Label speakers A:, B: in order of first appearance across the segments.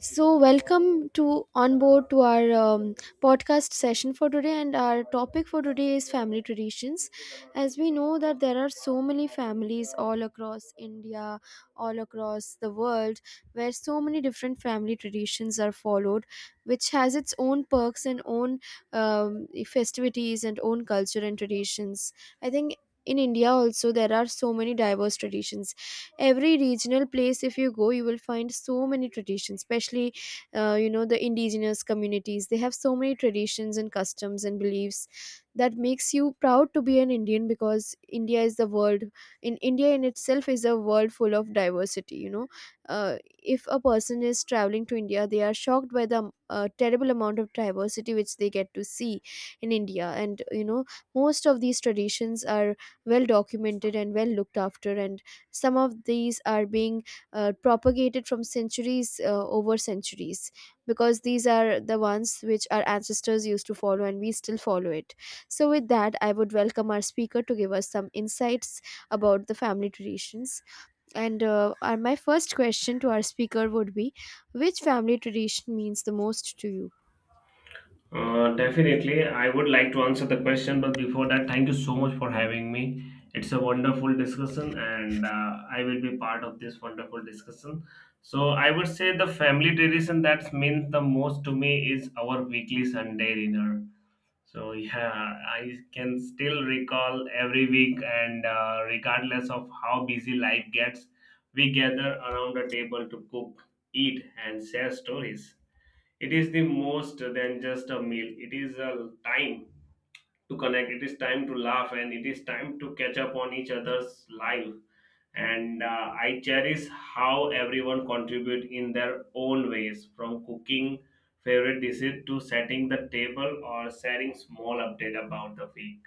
A: So, welcome to on board to our podcast session for today, and our topic for today is family traditions. As we know that there are so many families all across India, all across the world, where so many different family traditions are followed, which has its own perks and own festivities and own culture and traditions. I think. In India, also, there are so many diverse traditions. Every regional place, if you go, you will find so many traditions, especially, you know, the indigenous communities, they have so many traditions and customs and beliefs that makes you proud to be an Indian. Because India is the world, in India in itself is a world full of diversity, you know. uh, if a person is traveling to India, they are shocked by the terrible amount of diversity which they get to see in India. And you know, most of these traditions are well documented and well looked after, and some of these are being propagated from centuries, over centuries, because these are the ones which our ancestors used to follow and we still follow it. So with that, I would welcome our speaker to give us some insights about the family traditions. And our, my first question to our speaker would be: which family tradition means the most to you?
B: Definitely, I would like to answer the question, but before that, thank you so much for having me. It's a wonderful discussion, and I will be part of this wonderful discussion. So, I would say the family tradition that means the most to me is our weekly Sunday dinner. So, yeah, I can still recall every week, and regardless of how busy life gets, we gather around the table to cook, eat, and share stories. It is the most than just a meal. It is a time to connect. It is time to laugh, and it is time to catch up on each other's life. And I cherish how everyone contribute in their own ways, from cooking favorite dishes to setting the table or sharing small update about the week.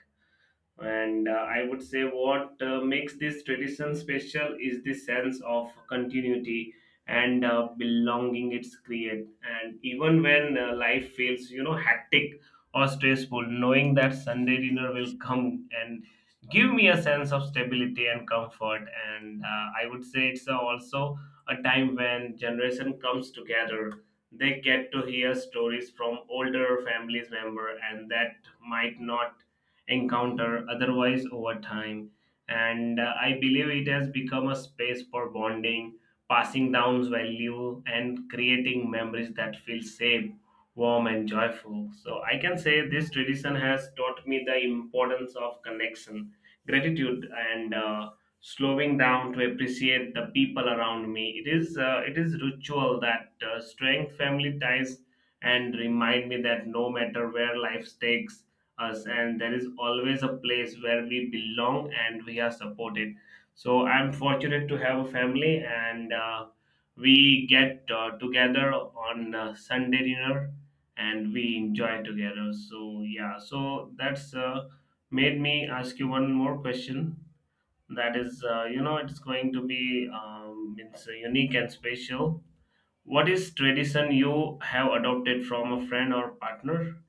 B: And I would say what makes this tradition special is the sense of continuity and belonging it's create. And even when life feels, hectic or stressful, knowing that Sunday dinner will come and give me a sense of stability and comfort. And I would say it's also a time when generation comes together. They get to hear stories from older families member and that might not encounter otherwise over time. And I believe it has become a space for bonding, passing down value, and creating memories that feel safe, warm, and joyful. So I can say this tradition has taught me the importance of connection, gratitude, and slowing down to appreciate the people around me. It is ritual that strength family ties and remind me that no matter where life takes us, and there is always a place where we belong and we are supported. So I'm fortunate to have a family, and we get together on Sunday dinner and we enjoy together. So, yeah, so that's made me ask you one more question. That is it's going to be it's unique and special. What is tradition you have adopted from a friend or partner?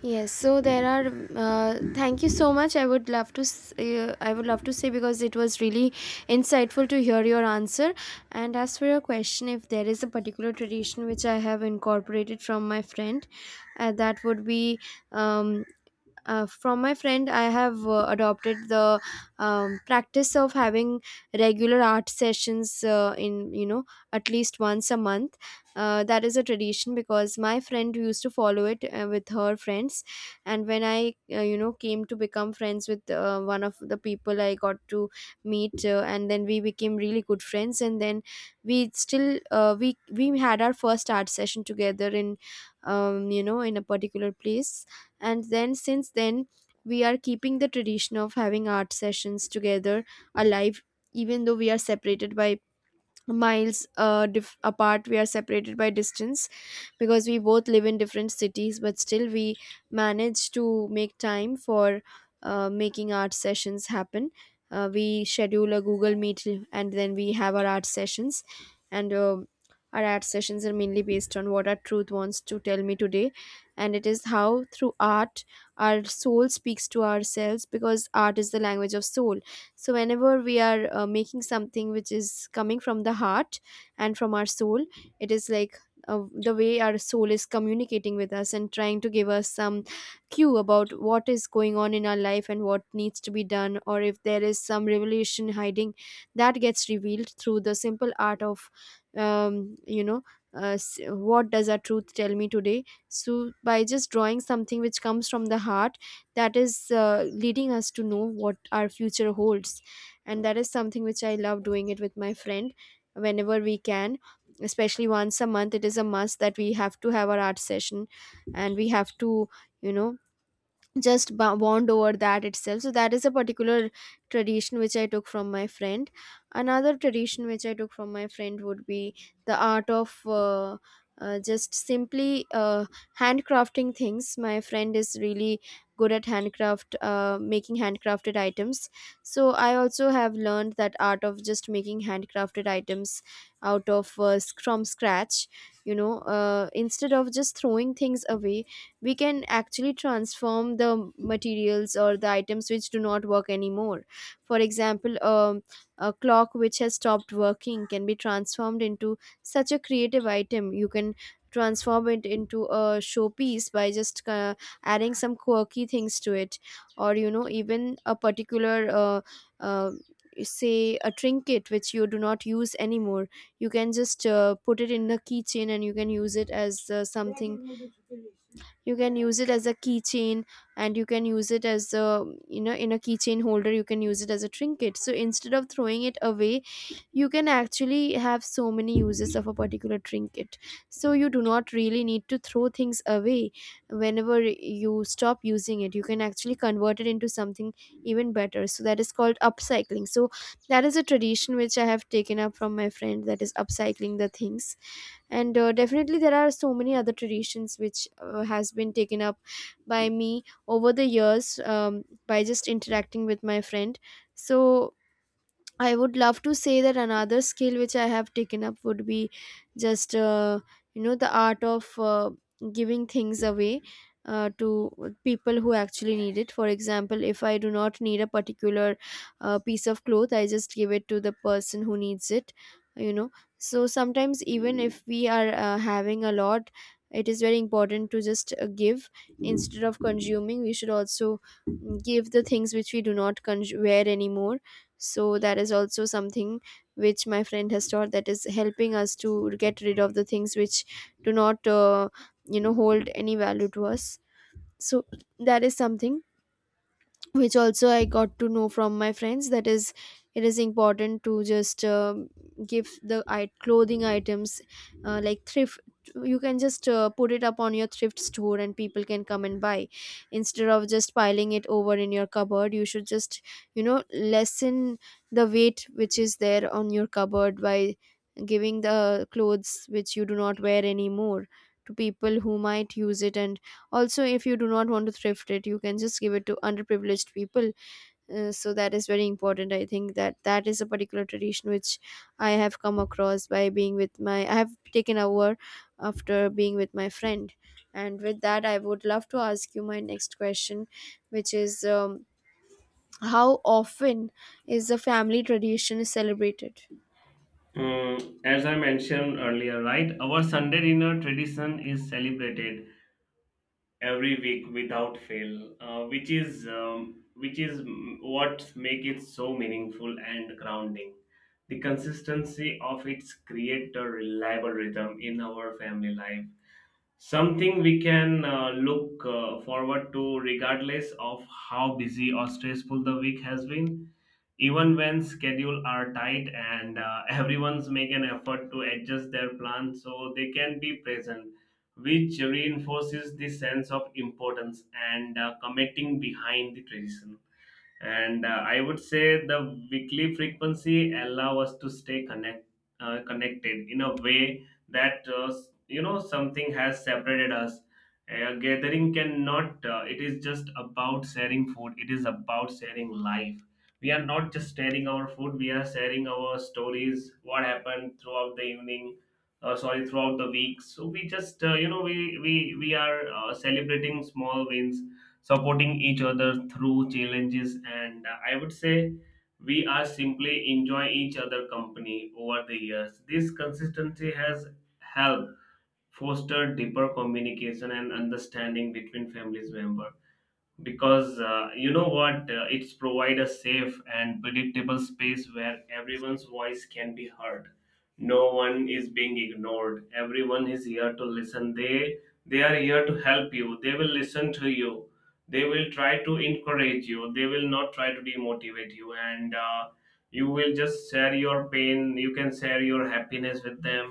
A: Yes, so there are. Thank you so much. I would love to. I would love to say because it was really insightful to hear your answer. And as for your question, if there is a particular tradition which I have incorporated from my friend, that would be um, from my friend, I have adopted the practice of having regular art sessions, in, you know, at least once a month. That is a tradition because my friend used to follow it with her friends. And when I, you know, came to become friends with one of the people I got to meet, and then we became really good friends. And then we still, we had our first art session together in you know, in a particular place. And then since then, we are keeping the tradition of having art sessions together alive, even though we are separated by miles, apart. We are separated by distance because we both live in different cities. But still, we manage to make time for making art sessions happen. We schedule a Google Meet and then we have our art sessions. And our art sessions are mainly based on what our truth wants to tell me today. And it is how through art our soul speaks to ourselves, because art is the language of soul. So whenever we are making something which is coming from the heart and from our soul, it is like the way our soul is communicating with us and trying to give us some cue about what is going on in our life and what needs to be done, or if there is some revelation hiding, that gets revealed through the simple art of you know, what does our truth tell me today. So by just drawing something which comes from the heart, that is leading us to know what our future holds. And that is something which I love doing it with my friend whenever we can. Especially once a month, it is a must that we have to have our art session. And we have to, you know, just bond over that itself. So that is a particular tradition which I took from my friend. Another tradition which I took from my friend would be the art of just simply handcrafting things. My friend is really good at handcraft, making handcrafted items. So I also have learned that art of just making handcrafted items out of from scratch. You know, instead of just throwing things away, we can actually transform the materials or the items which do not work anymore. For example, a clock which has stopped working can be transformed into such a creative item. You can transform it into a showpiece by just adding some quirky things to it. Or you know, even a particular, uh, uh, say, a trinket which you do not use anymore, you can just put it in the keychain, and you can use it as something. You can use it as a keychain, and you can use it as a, you know, in a keychain holder. You can use it as a trinket. So instead of throwing it away, you can actually have so many uses of a particular trinket. So you do not really need to throw things away. Whenever you stop using it, you can actually convert it into something even better. So that is called upcycling. So that is a tradition which I have taken up from my friend, that is upcycling the things. And definitely there are so many other traditions which has been taken up by me over the years, by just interacting with my friend. So I would love to say that another skill which I have taken up would be just, you know, the art of giving things away to people who actually need it. For example, if I do not need a particular piece of cloth, I just give it to the person who needs it. You know, so sometimes, even if we are having a lot, it is very important to just give instead of consuming. We should also give the things which we do not consume wear anymore. So that is also something which my friend has taught, that is helping us to get rid of the things which do not, you know, hold any value to us. So that is something which also I got to know from my friends, that is, it is important to just give the clothing items, like thrift. You can just put it up on your thrift store and people can come and buy, instead of just piling it over in your cupboard. You should just, you know, lessen the weight which is there on your cupboard by giving the clothes which you do not wear anymore to people who might use it. And also if you do not want to thrift it, you can just give it to underprivileged people. So that is very important. I think that that is a particular tradition which I have come across by being with my, I have taken over after being with my friend. And with that, I would love to ask you my next question, which is, how often is a family tradition celebrated?
B: As I mentioned earlier, right, our Sunday dinner tradition is celebrated every week without fail, what make it so meaningful and grounding. The consistency of its create a reliable rhythm in our family life, something we can look forward to regardless of how busy or stressful the week has been, even when schedule are tight, and everyone's make an effort to adjust their plan so they can be present, which reinforces the sense of importance and committing behind the tradition. And I would say the weekly frequency allow us to stay connected in a way that something has separated us. A gathering cannot, it is just about sharing food, it is about sharing life. We are not just sharing our food, we are sharing our stories, what happened throughout the evening, or sorry, throughout the week. So we just we are celebrating small wins, supporting each other through challenges, and I would say we are simply enjoy each other company. Over the years this consistency has helped foster deeper communication and understanding between families member, because you know what, it's provide a safe and predictable space where everyone's voice can be heard. No one is being ignored, everyone is here to listen. They are here to help you, they will listen to you, they will try to encourage you, they will not try to demotivate you, and you will just share your pain, you can share your happiness with them.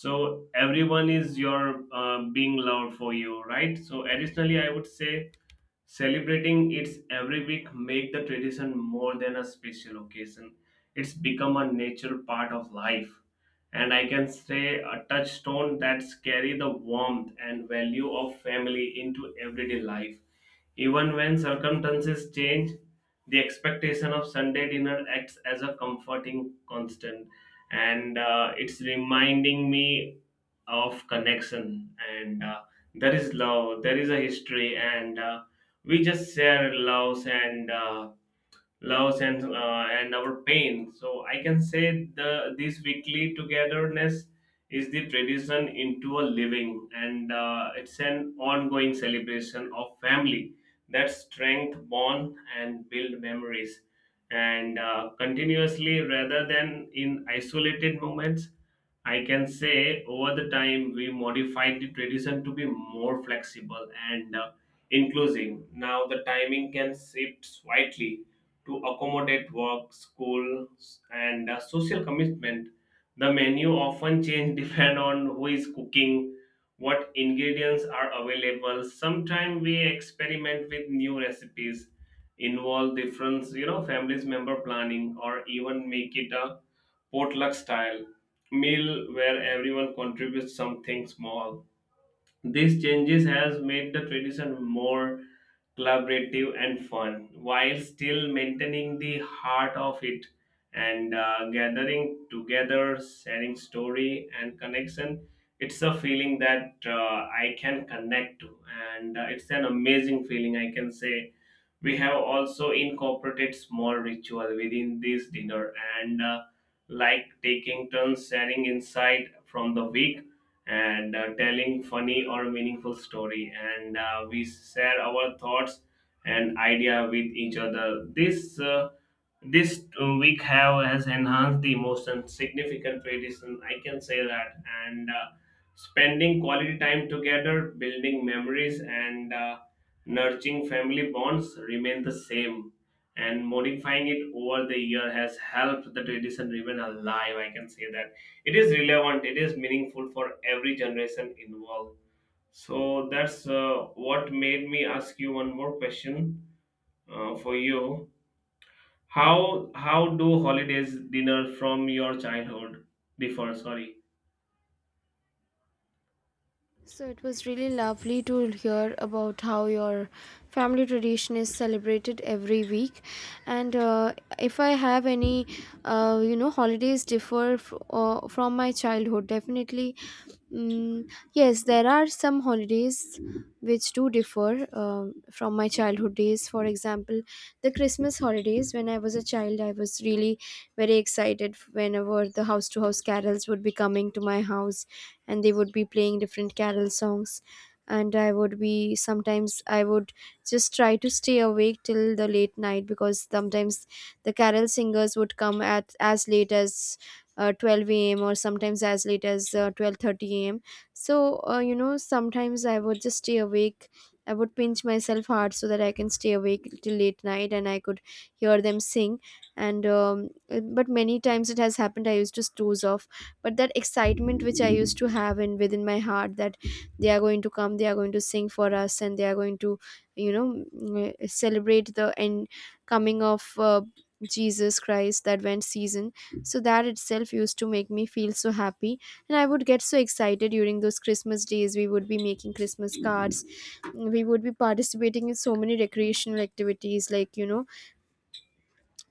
B: So everyone is your being loved for you, right? So additionally I would say, celebrating it every week make the tradition more than a special occasion. It's become a natural part of life. And I can say a touchstone that's carry the warmth and value of family into everyday life. Even when circumstances change, the expectation of Sunday dinner acts as a comforting constant. And it's reminding me of connection, and there is love, there is a history, and we just share loves, and loves, and our pain. So I can say the this weekly togetherness is the tradition into a living, and it's an ongoing celebration of family that strength bond and build memories, and continuously rather than in isolated moments. I can say over the time we modified the tradition to be more flexible and inclusive. Now the timing can shift slightly to accommodate work, school, and social commitment. The menu often change depend on who is cooking, what ingredients are available. Sometimes we experiment with new recipes, involve different, families member planning, or even make it a potluck style meal where everyone contributes something small. These changes has made the tradition more collaborative and fun while still maintaining the heart of it, and gathering together, sharing story and connection. It's a feeling that I can connect to, and it's an amazing feeling, I can say. We have also incorporated small ritual within this dinner, and like taking turns sharing insight from the week, and telling funny or meaningful story, and we share our thoughts and idea with each other. This week have has enhanced the emotion significantly, this I can say that. And spending quality time together, building memories, and nurturing family bonds remain the same, and modifying it over the year has helped the tradition remain alive, I can say that. It is relevant, it is meaningful for every generation involved. So that's what made me ask you one more question for you. How do holidays dinner from your childhood differ? Sorry.
A: So it was really lovely to hear about how your family tradition is celebrated every week. And if I have any, you know, holidays differ from my childhood, definitely. Mm, yes, there are some holidays which do differ from my childhood days. For example, the Christmas holidays. When I was a child, I was really very excited whenever the house to house carols would be coming to my house, and they would be playing different carol songs. And I would be, sometimes I would just try to stay awake till the late night because sometimes the carol singers would come at as late as 12 a.m. or sometimes as late as 12:30 a.m. So you know, sometimes I would just stay awake. I would pinch myself hard so that I can stay awake till late night and I could hear them sing. And but many times it has happened, I used to doze off. But that excitement which I used to have in within my heart, that they are going to come, they are going to sing for us and they are going to, you know, celebrate the end coming of Jesus Christ, that went season. So that itself used to make me feel so happy, and I would get so excited. During those Christmas days, we would be making Christmas cards. We would be participating in so many recreational activities, like you know,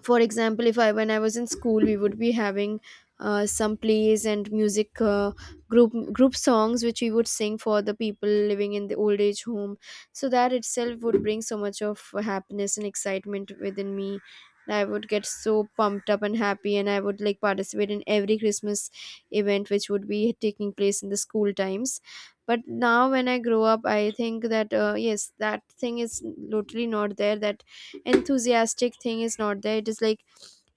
A: for example, if I when I was in school, we would be having some plays and music, group songs which we would sing for the people living in the old age home. So that itself would bring so much of happiness and excitement within me. I would get so pumped up and happy, and I would like participate in every Christmas event which would be taking place in the school times. But now when I grow up, I think that, yes, that thing is totally not there. That enthusiastic thing is not there. It is like,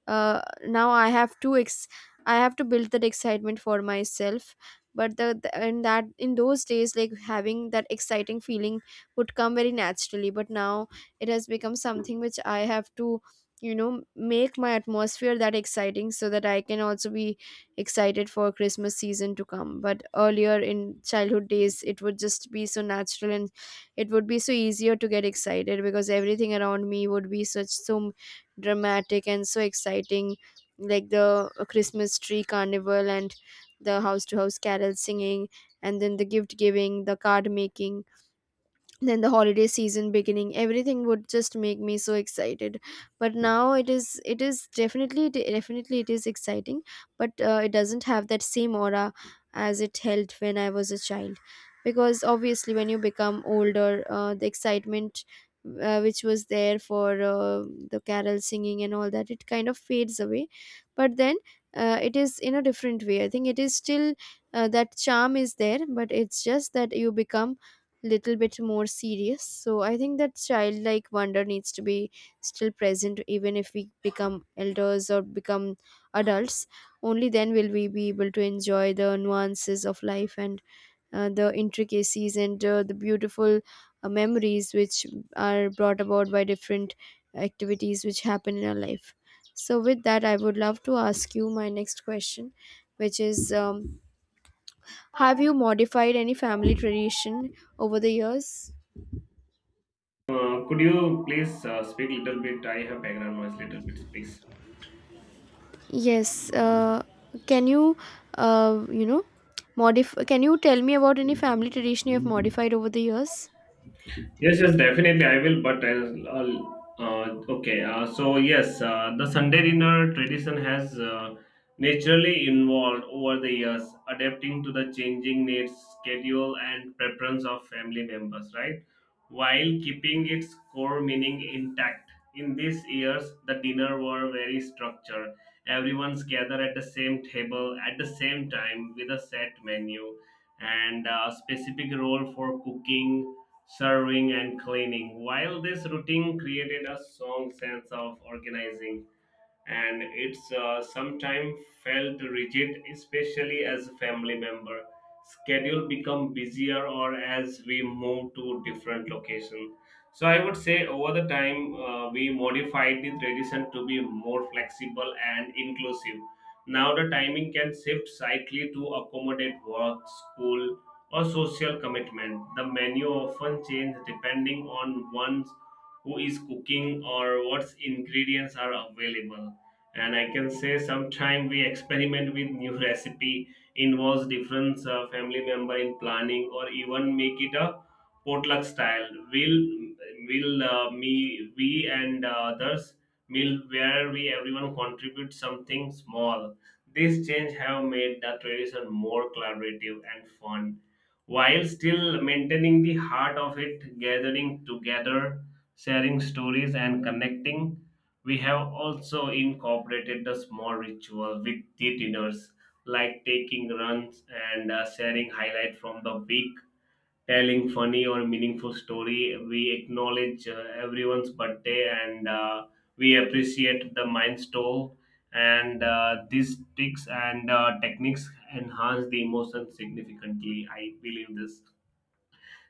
A: now I have to ex I have to build that excitement for myself. But the in that in those days, like, having that exciting feeling would come very naturally. But now it has become something which I have to, make my atmosphere that exciting so that I can also be excited for Christmas season to come. But earlier in childhood days, it would just be so natural, and it would be so easier to get excited because everything around me would be such so dramatic and so exciting, like the Christmas tree carnival, and the house to house carol singing, and then the gift giving, the card making, then the holiday season beginning, everything would just make me so excited. But now it is definitely, definitely it is exciting, but it doesn't have that same aura as it held when I was a child, because obviously when you become older, the excitement which was there for the carol singing and all that, it kind of fades away. But then, it is in a different way. I think it is still, that charm is there, but it's just that you become little bit more serious. So I think that childlike wonder needs to be still present, even if we become elders or become adults. Only then will we be able to enjoy the nuances of life, and the intricacies, and the beautiful memories which are brought about by different activities which happen in our life. So, with that, I would love to ask you my next question, which is, have you modified any family tradition over the years?
B: Could you please speak little bit? I have background noise little bit, please.
A: Yes, can you, uh, you know, modify? Can you tell me about any family tradition you have modified over the years?
B: Yes, yes, definitely I will. But uh, okay. So yes, the Sunday dinner tradition has naturally evolved over the years, adapting to the changing needs, schedule, and preference of family members. Right, while keeping its core meaning intact. In these years, the dinner were very structured. Everyone's gather at the same table at the same time with a set menu and a specific role for cooking, serving, and cleaning. While this routine created a strong sense of organizing, and it's sometimes felt rigid, especially as a family member. Schedule become busier or as we move to different location. So I would say over the time we modified the tradition to be more flexible and inclusive. Now the timing can shift slightly to accommodate work, school, or social commitment. The menu often change depending on one's who is cooking or what ingredients are available, and I can say sometime we experiment with new recipe, involves different family member in planning, or even make it a potluck style. Will me we and others will Where we everyone contribute something small. This change have made the tradition more collaborative and fun while still maintaining the heart of it, gathering together, sharing stories, and connecting. We have also incorporated the small ritual with the dinners, like taking runs, and sharing highlight from the week, telling funny or meaningful story. We acknowledge everyone's birthday, and we appreciate the milestone. And these tricks and techniques enhance the emotion significantly. I believe this,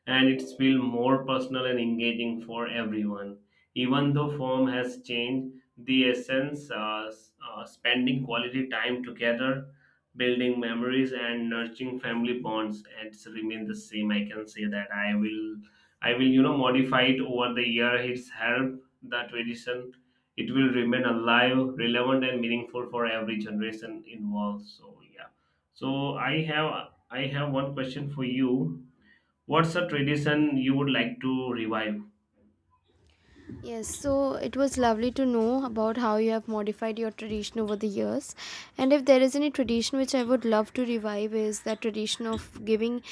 B: and it's feel more personal and engaging for everyone. Even though form has changed, the essence, spending quality time together, building memories, and nurturing family bonds, it's remain the same. I can say that. I will modify it over the year. It's helped the tradition. It will remain alive, relevant, and meaningful for every generation involved. So yeah. So I have one question for you. What's a tradition you would like to revive?
A: Yes, so it was lovely to know about how you have modified your tradition over the years. And if there is any tradition which I would love to revive, is that tradition of giving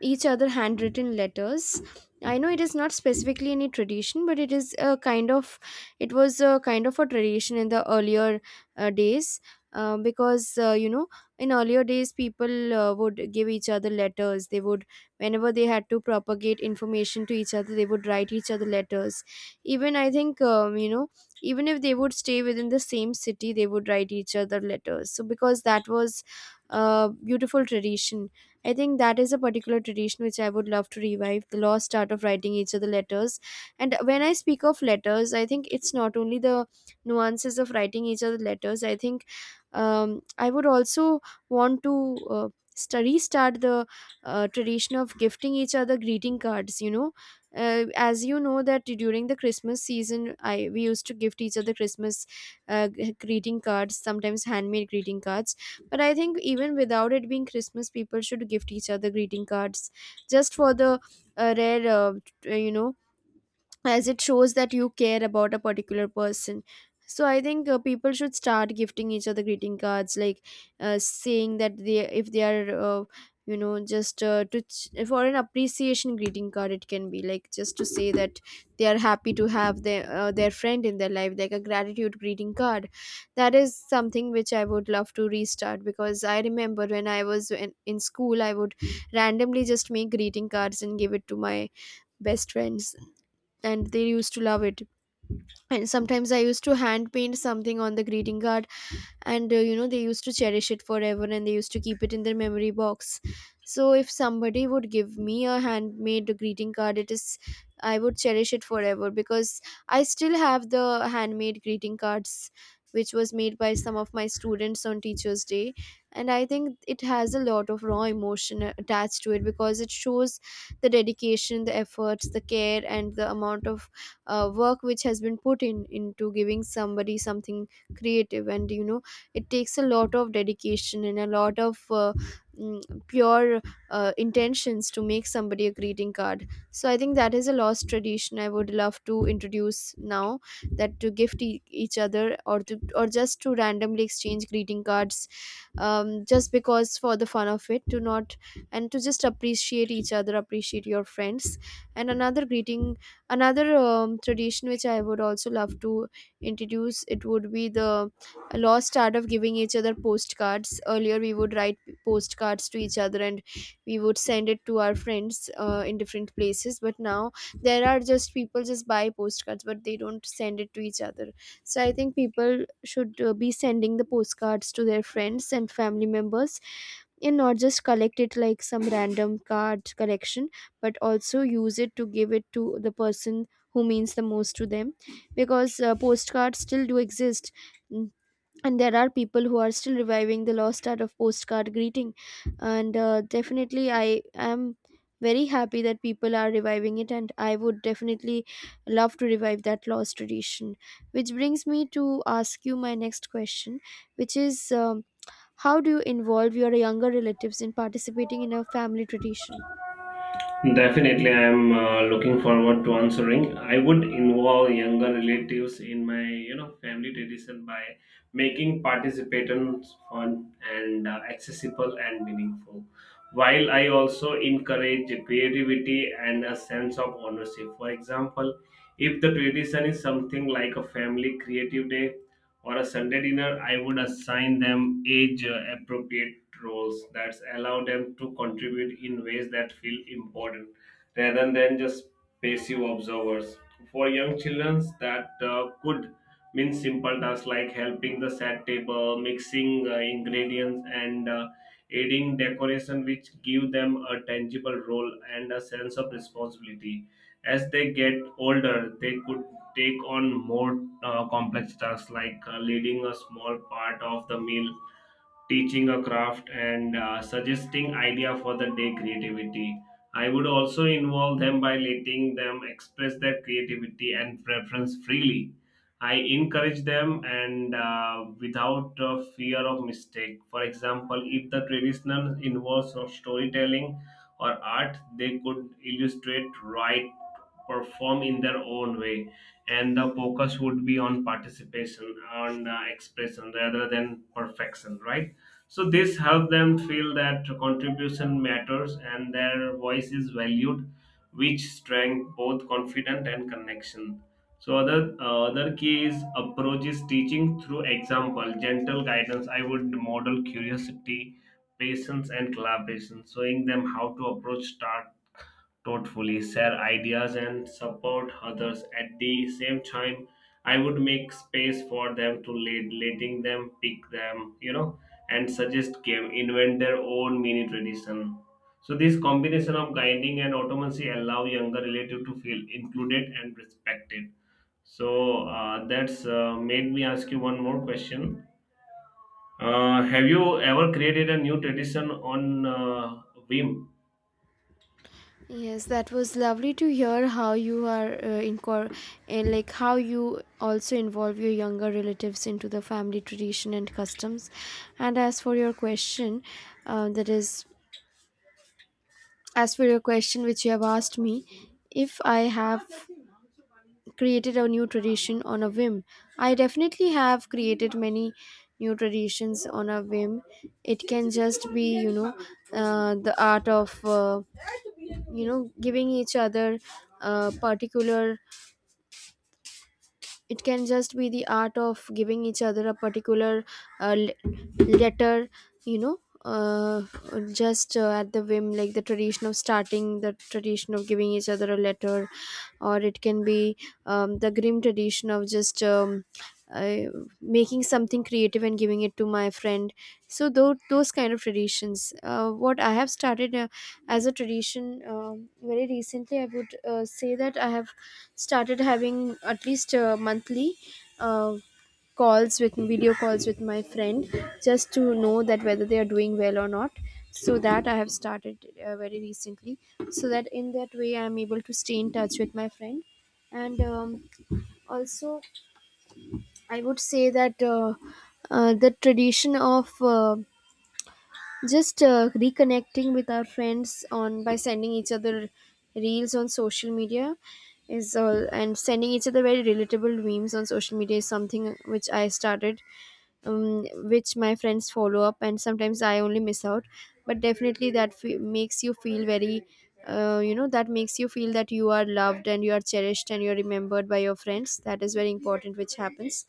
A: each other handwritten letters. I know it is not specifically any tradition, but it was a kind of a tradition in the earlier days. Because in earlier days, people would give each other letters. They would, whenever they had to propagate information to each other, they would write each other letters. Even I think, even if they would stay within the same city, they would write each other letters, so because that was a beautiful tradition. I think that is a particular tradition which I would love to revive, the lost art of writing each other letters. And when I speak of letters, I think it's not only the nuances of writing each other letters, I think, I would also want to restart the tradition of gifting each other greeting cards. You know, as you know that during the Christmas season, I we used to gift each other Christmas greeting cards, sometimes handmade greeting cards. But I think even without it being Christmas, people should gift each other greeting cards just for the rare, t- uh, you know, as it shows that you care about a particular person. So I think people should start gifting each other greeting cards, like, saying that they if they are, just, for an appreciation greeting card, it can be like just to say that they are happy to have their friend in their life, like a gratitude greeting card. That is something which I would love to restart, because I remember when I was in school, I would randomly just make greeting cards and give it to my best friends, and they used to love it. And sometimes I used to hand paint something on the greeting card, and they used to cherish it forever, and they used to keep it in their memory box. So if somebody would give me a handmade greeting card, it is I would cherish it forever, because I still have the handmade greeting cards which was made by some of my students on Teachers Day. And I think it has a lot of raw emotion attached to it, because it shows the dedication, the efforts, the care, and the amount of work which has been put in into giving somebody something creative. And, it takes a lot of dedication and a lot of pure intentions to make somebody a greeting card. So I think that is a lost tradition I would love to introduce now, that to gift each other, or to, or just to randomly exchange greeting cards, just because for the fun of it, to not, and to just appreciate each other, appreciate your friends. And another tradition which I would also love to introduce, it would be the laws started of giving each other postcards. Earlier we would write postcards to each other, and we would send it to our friends in different places, but now there are just, people just buy postcards but they don't send it to each other. So I think people should be sending the postcards to their friends and family members, and not just collect it like some random card collection, but also use it to give it to the person who means the most to them. Because postcards still do exist, and there are people who are still reviving the lost art of postcard greeting. And definitely, I am very happy that people are reviving it, and I would definitely love to revive that lost tradition, which brings me to ask you my next question, which is, how do you involve your younger relatives in participating in a family tradition?
B: Definitely, I am looking forward to answering. I would involve younger relatives in my, family tradition by making participants fun and accessible and meaningful, while I also encourage creativity and a sense of ownership. For example, if the tradition is something like a family creative day or a Sunday dinner, I would assign them age appropriate roles that allow them to contribute in ways that feel important rather than just passive observers. For young children, that could mean simple tasks like helping the set table, mixing ingredients, and aiding decoration, which give them a tangible role and a sense of responsibility. As they get older, they could take on more complex tasks like leading a small part of the meal, teaching a craft, and suggesting idea for the day creativity. I would also involve them by letting them express their creativity and preference freely. I encourage them, and without fear of mistake. For example, if the traditional involves of storytelling or art, they could illustrate, write, perform in their own way, and the focus would be on participation, on expression rather than perfection, right? So this help them feel that contribution matters and their voice is valued, which strength both confidence and connection. So other key is approach is teaching through example, gentle guidance. I would model curiosity, patience, and collaboration, showing them how to approach start thoughtfully, share ideas, and support others. At the same time, I would make space for them to lead, letting them pick them, and suggest game, invent their own mini tradition. So this combination of guiding and autonomy allow younger relative to feel included and respected. So that's made me ask you one more question. Have you ever created a new tradition on whim?
A: Yes, that was lovely to hear how you are, and like how you also involve your younger relatives into the family tradition and customs. And as for your question, that is, as for your question which you have asked me, if I have created a new tradition on a whim, I definitely have created many new traditions on a whim. It can just be, you know, the art of. Giving each other a particular, it can just be the art of giving each other a particular, letter, you know, uh, just at the whim, like the tradition of starting the tradition of giving each other a letter, or it can be, the grim tradition of just, uh, making something creative and giving it to my friend. So those kind of traditions what I have started as a tradition. Very recently, I would say that I have started having at least monthly uh, calls with video calls with my friend, just to know that whether they are doing well or not. So that I have started very recently, so that in that way I am able to stay in touch with my friend. And, also, I would say that the tradition of just reconnecting with our friends on, by sending each other reels on social media is all, and sending each other very relatable memes on social media is something which I started, um, which my friends follow up, and sometimes I only miss out, but definitely that makes you feel very. That makes you feel that you are loved, and you are cherished, and you are remembered by your friends. That is very important, which happens.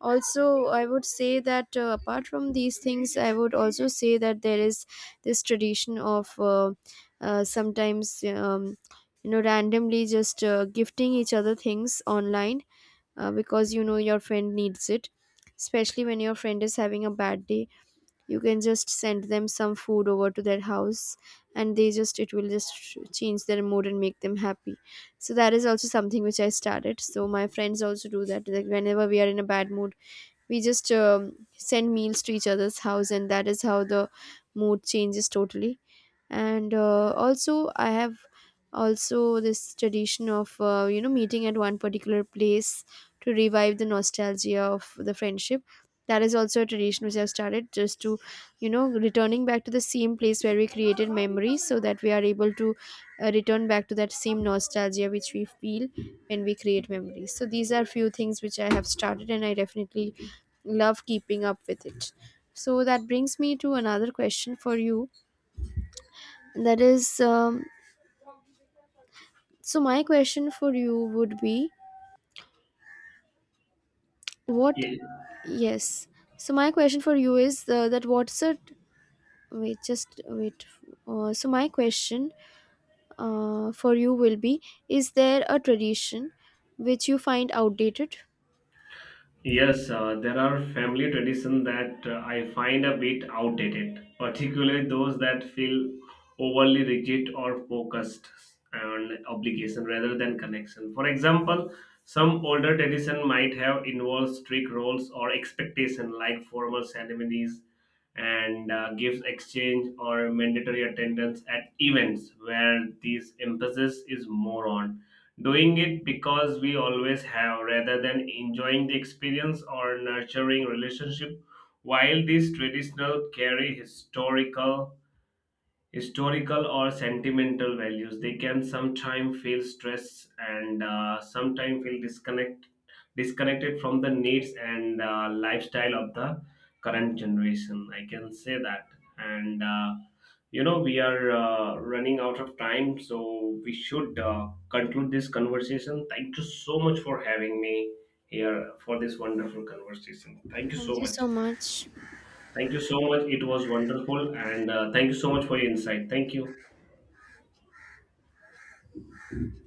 A: Also, I would say that, apart from these things, I would also say that there is this tradition of sometimes, randomly just gifting each other things online, because you know your friend needs it. Especially when your friend is having a bad day, you can just send them some food over to their house, and they just it will just change their mood and make them happy. So that is also something which I started. So my friends also do that, like whenever we are in a bad mood, we just send meals to each other's house, and that is how the mood changes totally. And also, I have also this tradition of meeting at one particular place to revive the nostalgia of the friendship. That is also a tradition which I've started, just to, returning back to the same place where we created memories, so that we are able to return back to that same nostalgia which we feel when we create memories. So these are few things which I have started, and I definitely love keeping up with it. So that brings me to another question for you. That is, so my question for you would be. What? Yes. So my question for you is, that, what's it? Wait, just wait. So my question for you will be: Is there a tradition which you find outdated?
B: Yes, there are family traditions that I find a bit outdated, particularly those that feel overly rigid or focused on obligation rather than connection. For example, some older tradition might have involved strict roles or expectation like formal ceremonies and gifts exchange or mandatory attendance at events, where this emphasis is more on doing it because we always have, rather than enjoying the experience or nurturing relationship. While these traditional carry historical or sentimental values, they can sometimes feel stress, and sometimes feel disconnected from the needs and lifestyle of the current generation, I can say that. And we are running out of time, so we should conclude this conversation. Thank you so much for having me here for this wonderful conversation. Thank you
A: Thank
B: so
A: you so
B: much.
A: much.
B: Thank you so much, it was wonderful, and thank you so much for your insight. Thank you.